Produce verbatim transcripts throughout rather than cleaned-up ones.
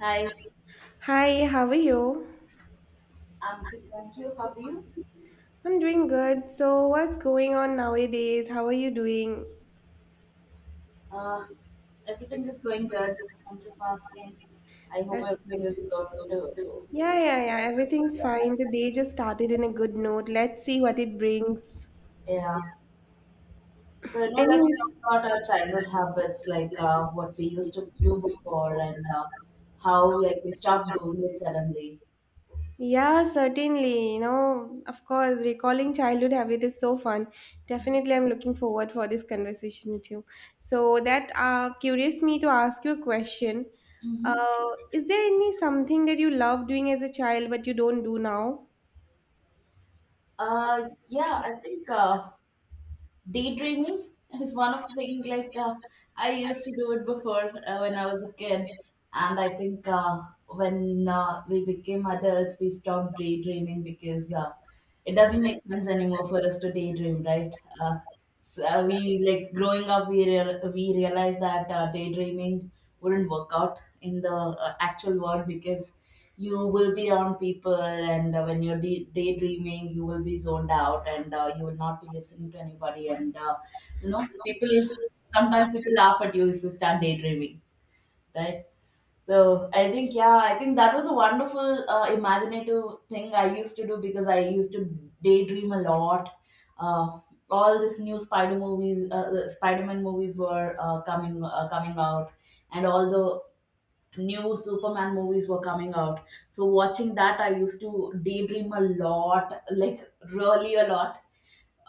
Hi, Hi, how are you? I'm good. Thank you. How are you? I'm doing good. So, what's going on nowadays? How are you doing? Uh, Everything is going good. Thank you for asking. I hope That's everything good. is going to. Yeah, yeah, yeah. Everything's fine. The day just started in a good note. Let's see what it brings. Yeah. So you know, let's Anyway, talk about our childhood habits, like uh, what we used to do before, and uh, how like we stopped doing it suddenly. yeah, certainly. You know, of course, recalling childhood habit is so fun. Definitely, I'm looking forward for this conversation with you. So that uh, curious me to ask you a question. Mm-hmm. Uh, is there any something that you love doing as a child but you don't do now? Uh, yeah, I think uh, daydreaming is one of the things like uh, I used to do it before uh, when I was a kid, and I think uh, when uh, we became adults we stopped daydreaming because uh, it doesn't make sense anymore for us to daydream, right? Uh, so uh, we like growing up, we real we realized that uh, daydreaming wouldn't work out in the uh, actual world, because you will be around people, and uh, when you're de- daydreaming, you will be zoned out, and uh, you will not be listening to anybody. And uh, you know, people sometimes people laugh at you if you start daydreaming, right? So I think yeah, I think that was a wonderful uh, imaginative thing I used to do, because I used to daydream a lot. Uh, all these new Spider movies, uh, the Spider-Man movies were uh, coming uh, coming out, and all the new Superman movies were coming out. So watching that, I used to daydream a lot, like really a lot.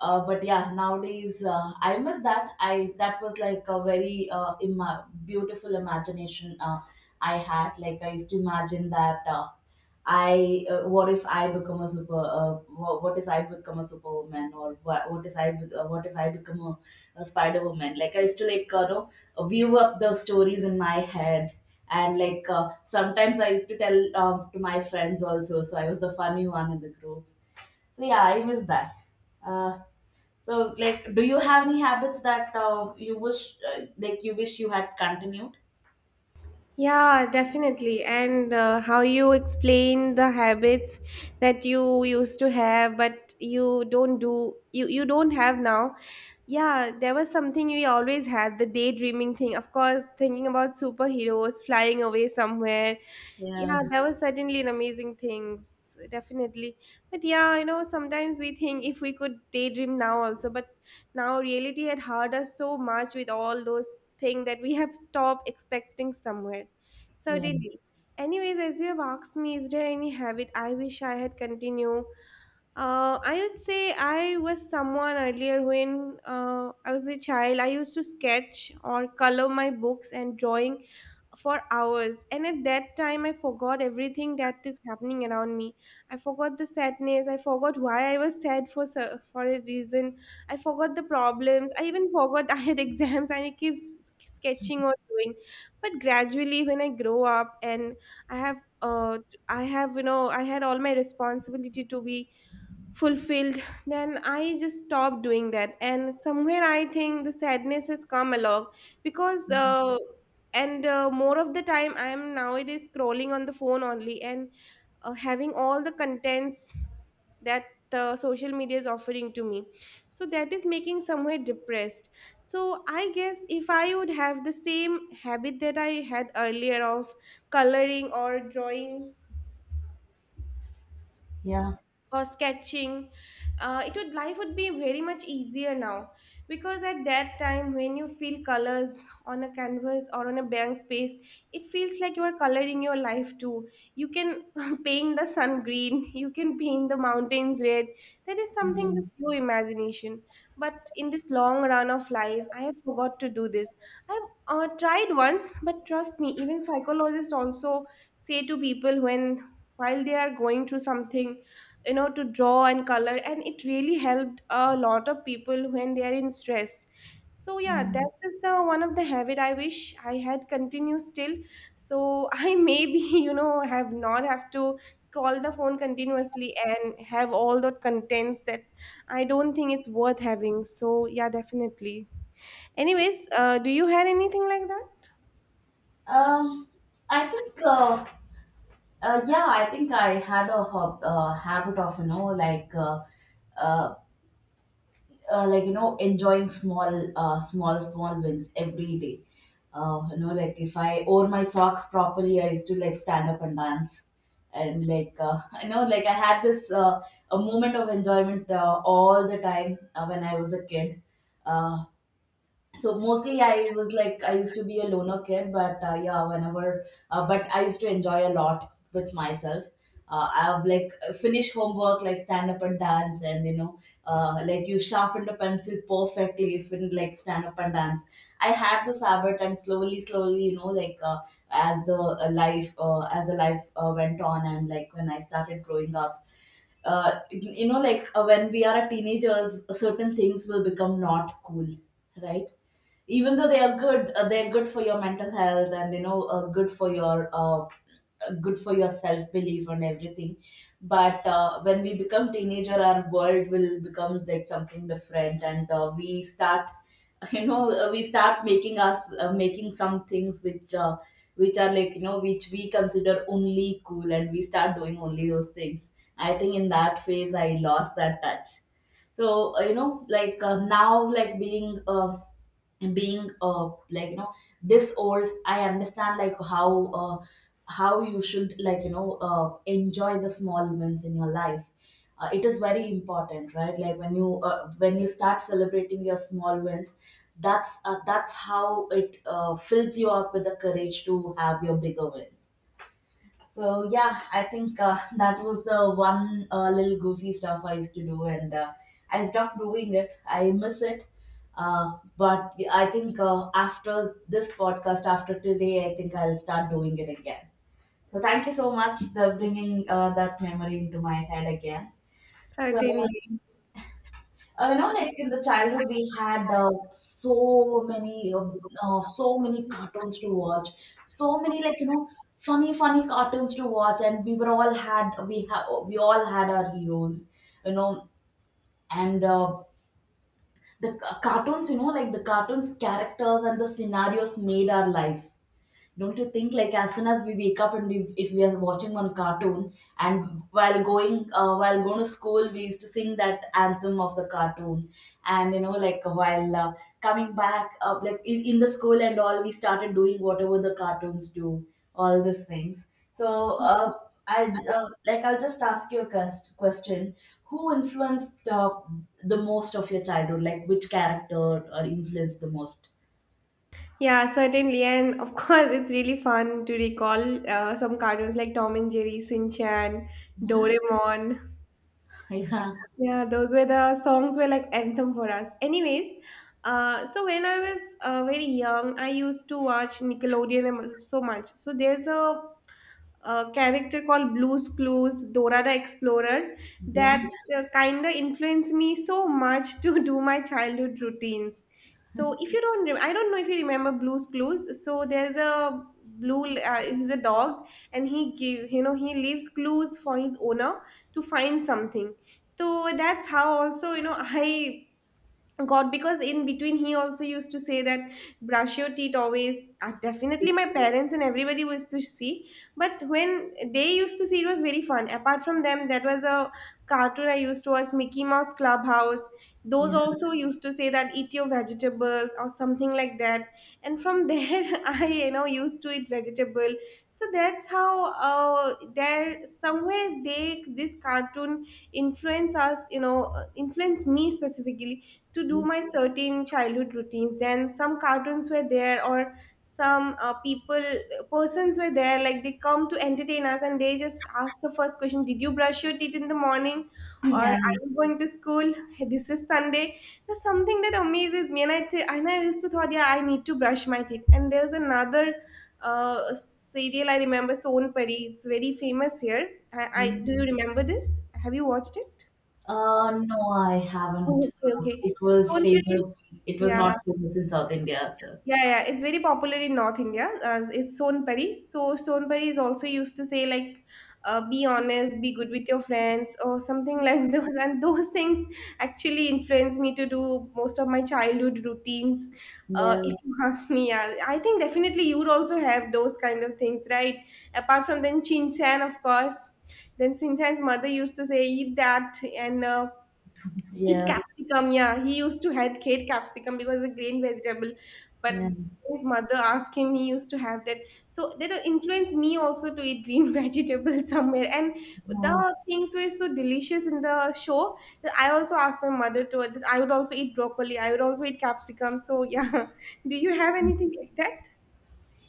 Uh, but yeah, nowadays uh, I miss that. I That was like a very uh, ima- beautiful imagination uh, I had. Like I used to imagine that. Uh, I uh, What if I become a super uh, what, what if I become a superwoman, or what, what if I be, uh, what if I become a, a spider woman? Like I used to like uh, you know uh, view up the stories in my head, and like uh, sometimes I used to tell um, to my friends also, so I was the funny one in the group. So yeah, I miss that. uh, so like, do you have any habits that uh, you wish uh, like you wish you had continued? Yeah, definitely. And uh, how you explain the habits that you used to have, but you don't do, you, you don't have now. Yeah, there was something we always had the daydreaming thing. Of course, thinking about superheroes flying away somewhere, Yeah, yeah, that was certainly an amazing things, definitely. But yeah, you know, sometimes we think if we could daydream now also, but now reality had hurt us so much with all those things that we have stopped expecting somewhere. yeah, Certainly. Anyways, as you have asked me, is there any habit I wish I had continued? Uh, I would say I was someone earlier when uh, I was a child. I used to sketch or color my books and drawing for hours, and at that time I forgot everything that is happening around me. I forgot the sadness, I forgot why I was sad for so- for a reason, I forgot the problems, I even forgot I had exams, and I keep s- sketching or doing. But gradually when I grow up and I have uh I have, you know, I had all my responsibility to be fulfilled, then I just stopped doing that, and somewhere I think the sadness has come along because uh, and uh, more of the time I am nowadays scrolling on the phone only, and uh, having all the contents that the social media is offering to me. So that is making somewhere depressed. So I guess if I would have the same habit that I had earlier of coloring or drawing yeah, or sketching, uh, it would, life would be very much easier now, because at that time when you feel colors on a canvas or on a blank space, it feels like you are coloring your life too. You can paint the sun green, you can paint the mountains red. That is something just your imagination. But in this long run of life, I have forgot to do this. I've uh, tried once, but trust me, even psychologists also say to people when while they are going through something, you know, to draw and color, and it really helped a lot of people when they are in stress. So yeah, yeah. that is the one of the habit I wish I had continued still. So I maybe you know have not have to scroll the phone continuously and have all the contents that I don't think it's worth having. So yeah, definitely. Anyways, uh, do you have anything like that? Um, I think, uh, uh, yeah, I think I had a hob- uh, habit of, you know, like, uh, uh, uh, like, you know, enjoying small, uh, small, small wins every day. Uh, you know, like if I wore my socks properly, I used to like stand up and dance. And like, uh, I know, like I had this, uh, a moment of enjoyment, uh, all the time uh, when I was a kid. Uh so mostly I was like I used to be a loner kid, but uh, yeah, whenever uh, but I used to enjoy a lot with myself. uh, I've like finish homework, like stand up and dance, and you know, uh, like you sharpened a pencil perfectly, if in like stand up and dance. I had this habit, and slowly slowly, you know, like uh, as the uh, life uh, as the life uh, went on, and like when I started growing up, uh, you know like uh, when we are teenagers, certain things will become not cool, right? Even though they are good, uh, they're good for your mental health, and you know, uh, good for your uh, uh, good for your self belief and everything. But uh, when we become teenager, our world will become like something different, and uh, we start you know, uh, we start making us uh, making some things which uh, which are like, you know, which we consider only cool, and we start doing only those things. I think in that phase I lost that touch. So uh, you know like uh, now like being uh, being uh like you know, this old, I understand like how uh how you should like, you know, uh enjoy the small wins in your life. Uh, it is very important, right? Like when you uh, when you start celebrating your small wins, that's uh, that's how it uh, fills you up with the courage to have your bigger wins. So yeah, I think uh, that was the one uh, little goofy stuff I used to do, and uh, I stopped doing it. I miss it. Uh, but I think uh, after this podcast, after today, I think I'll start doing it again. So thank you so much for bringing uh, that memory into my head again. So uh, you know, like in the childhood, we had uh, so many, uh, uh, so many cartoons to watch, so many like you know, funny, funny cartoons to watch, and we were all had we have we all had our heroes, you know, and uh, the ca- cartoons, you know, like the cartoons characters and the scenarios made our life. Don't you think, like as soon as we wake up and we if we are watching one cartoon, and while going uh, while going to school, we used to sing that anthem of the cartoon, and you know, like while uh, coming back uh, like in, in the school and all, we started doing whatever the cartoons do, all these things. So uh, I uh, like I'll just ask you a quest- question. Who influenced uh, the most of your childhood? Like which character or influenced the most? Yeah, certainly. And of course, it's really fun to recall uh, some cartoons like Tom and Jerry, Shin Chan, Yeah, Doraemon. yeah, Yeah, those were, the songs were like anthem for us. Anyways, uh, so when I was uh, very young, I used to watch Nickelodeon and so much. So there's a a character called Blue's Clues, Dora the Explorer, yeah, that uh, kind of influenced me so much to do my childhood routines. So if you don't, re- I don't know if you remember Blue's Clues. So there's a blue, uh, he's a dog, and he give, you know, he leaves clues for his owner to find something. So that's how also, you know, I God, because in between he also used to say that brush your teeth always. Uh, definitely, my parents and everybody used to see, but when they used to see, it was very fun. Apart from them, that was a cartoon I used to watch, Mickey Mouse Clubhouse. Those yeah. also used to say that eat your vegetables or something like that. And from there, I you know used to eat vegetable. So that's how uh, there somewhere they this cartoon influence us, you know, uh, influence me specifically to do my certain childhood routines. Then some cartoons were there, or some uh, people persons were there, like they come to entertain us, and they just ask the first question, did you brush your teeth in the morning, or are Yeah. you going to school, this is Sunday. There's something that amazes me, and i th- and I used to thought, yeah, I need to brush my teeth. And there's another uh, serial I remember, Son Pari, it's very famous here. I, I do you remember this? Have you watched it? Uh, no, I haven't. Oh, okay, Uh, okay. It was Son Pari is- famous. It was yeah, not famous in South India, so. yeah, yeah, it's very popular in North India. Uh, it's Sonpari. So Sonpari is also used to say like, uh, be honest, be good with your friends, or something like those. And those things actually influence me to do most of my childhood routines. Uh, Yeah, If you ask me, yeah, I think definitely you would also have those kind of things, right? Apart from then Chin Chan, of course. Then Chin Chan's mother used to say, eat that and uh, eat yeah, capsicum, yeah. He used to hate, hate capsicum because it's a green vegetable. But yeah. his mother asked him, he used to have that. So that influenced me also to eat green vegetables somewhere. And Uh, the things were so delicious in the show that I also asked my mother to, that I would also eat broccoli, I would also eat capsicum. So yeah, do you have anything like that?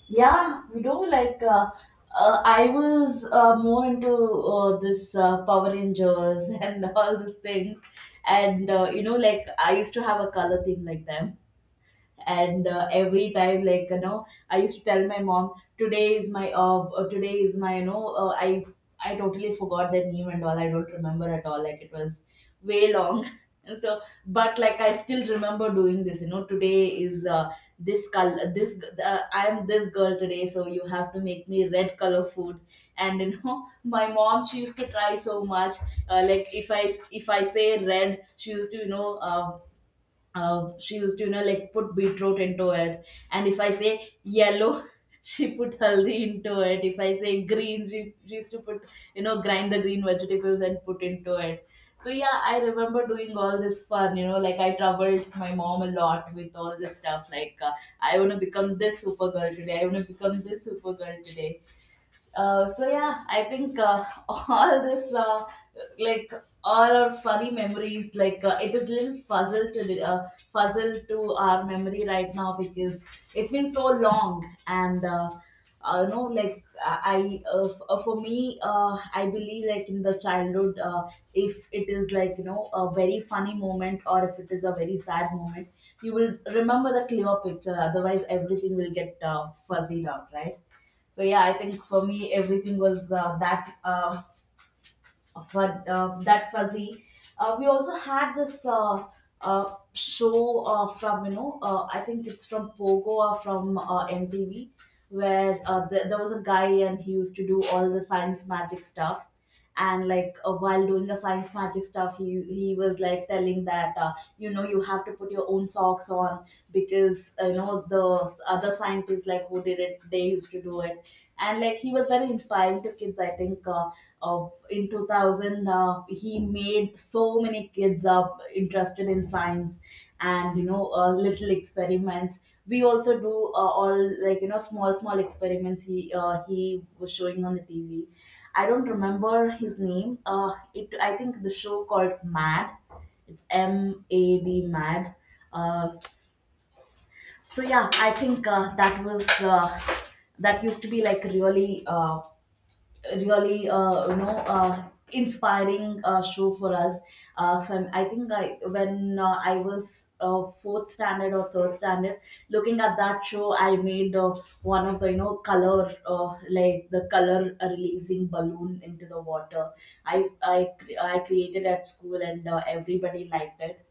yeah, we do like. Uh, uh, I was uh, more into uh, this uh, Power Rangers and all these things, and uh, you know, like I used to have a color theme like them. And uh, every time, like you know, I used to tell my mom today is my uh, uh, today is my, you know, uh, i I totally forgot the name and all, I don't remember at all, like it was way long. And so, but like I still remember doing this, you know, today is uh, this color, this uh, I am this girl today, so you have to make me red color food. And you know, my mom, she used to try so much. Uh, like if i if I say red, she used to, you know, uh, uh, she used to, you know, like put beetroot into it. And if I say yellow, she put haldi into it. If I say green she, she used to, put you know, grind the green vegetables and put into it. So yeah, I remember doing all this fun, you know, like I troubled my mom a lot with all this stuff, like uh, I want to become this super girl today, I want to become this super girl today. Uh, so yeah, I think uh, all this uh, like all our funny memories, like uh, it is little puzzle to uh, puzzle to our memory right now, because it's been so long. And uh, uh, you know, like I uh, f- uh, for me, uh, I believe like in the childhood, uh, if it is like, you know, a very funny moment, or if it is a very sad moment, you will remember the clear picture, otherwise everything will get uh, fuzzied out, right? So yeah, I think for me everything was uh, that uh, fun, uh, that fuzzy. Uh, we also had this uh, uh, show uh, from, you know, uh, I think it's from Pogo or from uh, M T V, where uh, th- there was a guy, and he used to do all the science magic stuff. And like uh, while doing the science magic stuff, he he was like telling that uh, you know, you have to put your own socks on, because uh, you know, the other scientists like who did it, they used to do it. And like he was very inspiring to kids, I think uh, of in two thousand uh, he made so many kids up interested in science. And you know, uh, little experiments we also do, uh, all like, you know, small small experiments he uh, he was showing on the TV. I don't remember his name, uh, it I think the show called Mad, it's M A D Mad. Uh, so yeah, I think uh, that was uh, that used to be like really uh, really uh, you know, uh, inspiring uh, show for us. uh, so I'm- I think I when uh, I was uh, fourth standard or third standard, looking at that show I made uh, one of the, you know, color uh, like the color uh, releasing balloon into the water. I i cre- i created at school, and uh, everybody liked it.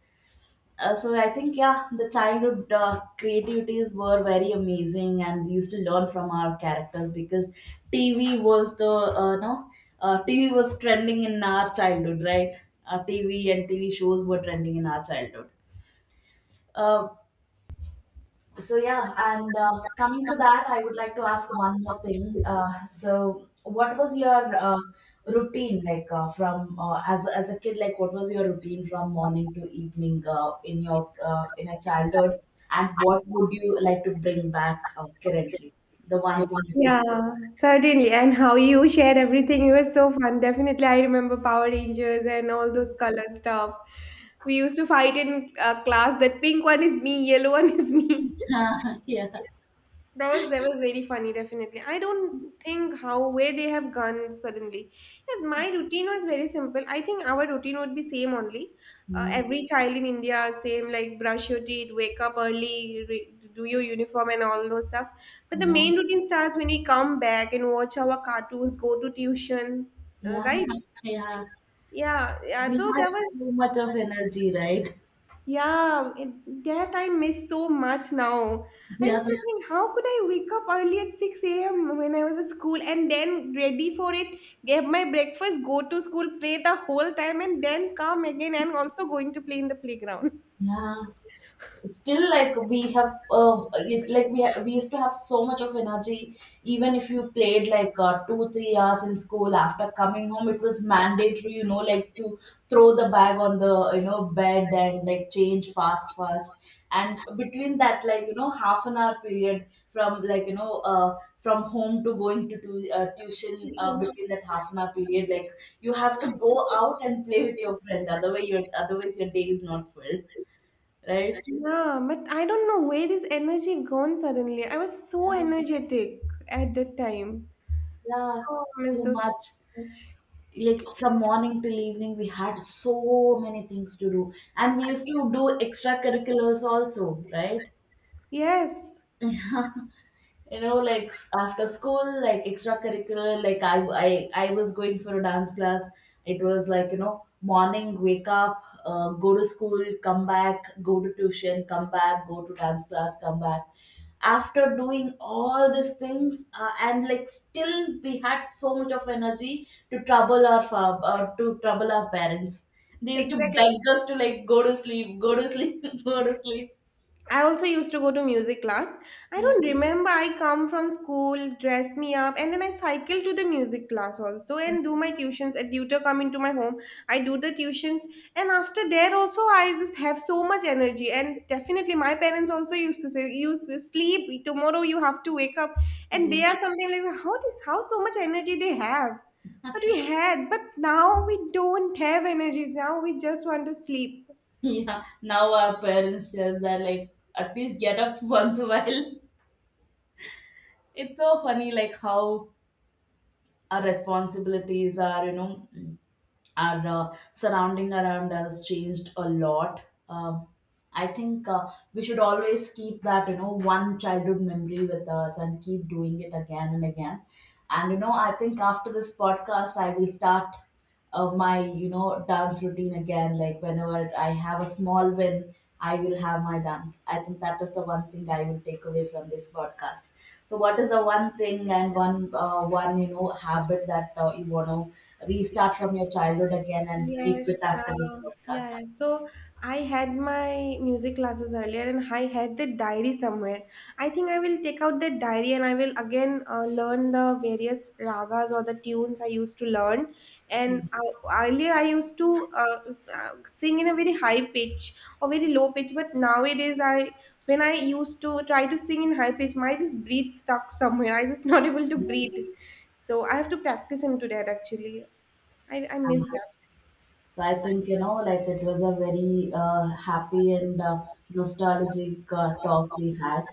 uh, So I think yeah, the childhood uh, creativities were very amazing, and we used to learn from our characters, because T V was the uh, no uh, T V was trending in our childhood, right? Uh, T V and T V shows were trending in our childhood. Uh, so yeah, and uh, coming to that, I would like to ask one more thing. Uh, so what was your uh, routine like uh, from uh, as as a kid? Like what was your routine from morning to evening uh, in your uh, in your childhood, and what would you like to bring back uh, currently? The one thing you could. Yeah, certainly. And how you shared everything, it was so fun. Definitely, I remember Power Rangers and all those color stuff. We used to fight in uh, class that pink one is me, yellow one is me. Yeah, yeah, That was that was very funny, definitely. I don't think how where they have gone suddenly. Yeah, my routine was very simple. I think our routine would be same only. Uh, every child in India same like brush your teeth, wake up early, re- do your uniform and all those stuff. But the yeah, main routine starts when we come back and watch our cartoons, go to tuitions, uh, yeah, right? yeah. Yeah, yeah. We So had that was. so much of energy, right? Yeah, it, that I miss so much now. I used Yeah, to think, how could I wake up early at six a m when I was at school and then ready for it, get my breakfast, go to school, play the whole time, and then come again and also going to play in the playground. yeah. Still like we have, uh, it, like we ha- we used to have so much of energy. Even if you played like uh, two three hours in school, after coming home it was mandatory, you know, like to throw the bag on the, you know, bed, and like change fast fast, and between that like, you know, half an hour period, from like, you know, uh, from home to going to tu- uh, tuition, uh, between that half an hour period, like you have to go out and play with your friend, otherwise your otherwise your day is not full, right? Yeah, but I don't know where this energy gone suddenly. I was so energetic at that time. Yeah, Oh, I miss so those so much. much. Like from morning till evening, we had so many things to do, and we used to do extracurriculars also, right? Yes, You know, like after school, like extracurricular, like i i, I was going for a dance class. It was like, you know, morning wake up, uh, go to school, come back, go to tuition, come back, go to dance class, come back, after doing all these things, uh, and like still we had so much of energy to trouble our fa- uh, to trouble our parents. They used to exactly. beg us to like go to sleep, go to sleep, go to sleep. I also used to go to music class. I Yeah. don't remember. I come from school, dress me up, and then I cycle to the music class also and do my tuitions. A tutor come into my home. I do the tuitions, and after there also I just have so much energy. And definitely, my parents also used to say, "You s- sleep tomorrow. You have to wake up." And Yeah. they are something like, "How this? How so much energy they have?" But we had. But now we don't have energy. Now we just want to sleep. Yeah, now our parents tell that like at least get up once a while. It's so funny, like how our responsibilities are, you know, our uh, surrounding around us changed a lot. Um, I think uh, we should always keep that, you know, one childhood memory with us and keep doing it again and again. And you know, I think after this podcast, I will start uh, my, you know, dance routine again, like whenever I have a small win, I will have my dance. I think that is the one thing I will take away from this podcast. So what is the one thing and one uh, one, you know, habit that uh, you want to restart from your childhood again, and keep Yes, it uh, after this yeah, yeah. podcast? So I had my music classes earlier, and I had the diary somewhere. I think I will take out the diary, and I will again uh, learn the various ragas or the tunes I used to learn. And uh, earlier, I used to uh, s- uh, sing in a very high pitch or very low pitch, but nowadays, I when I used to try to sing in high pitch, my just breath stuck somewhere. I just not able to breathe. So I have to practice into that actually. I, I miss that. So I think, you know, like it was a very uh, happy and uh, nostalgic uh, talk we had.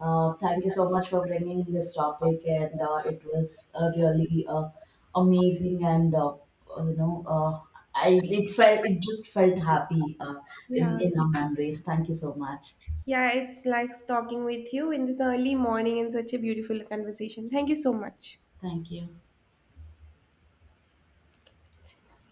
Uh, thank you so much for bringing this topic, and uh, it was uh, really uh, amazing. And uh, uh, you know, uh, I it felt it just felt happy uh, Yeah. in in our memories. Thank you so much. Yeah, it's like talking with you in this early morning and such a beautiful conversation. Thank you so much. Thank you.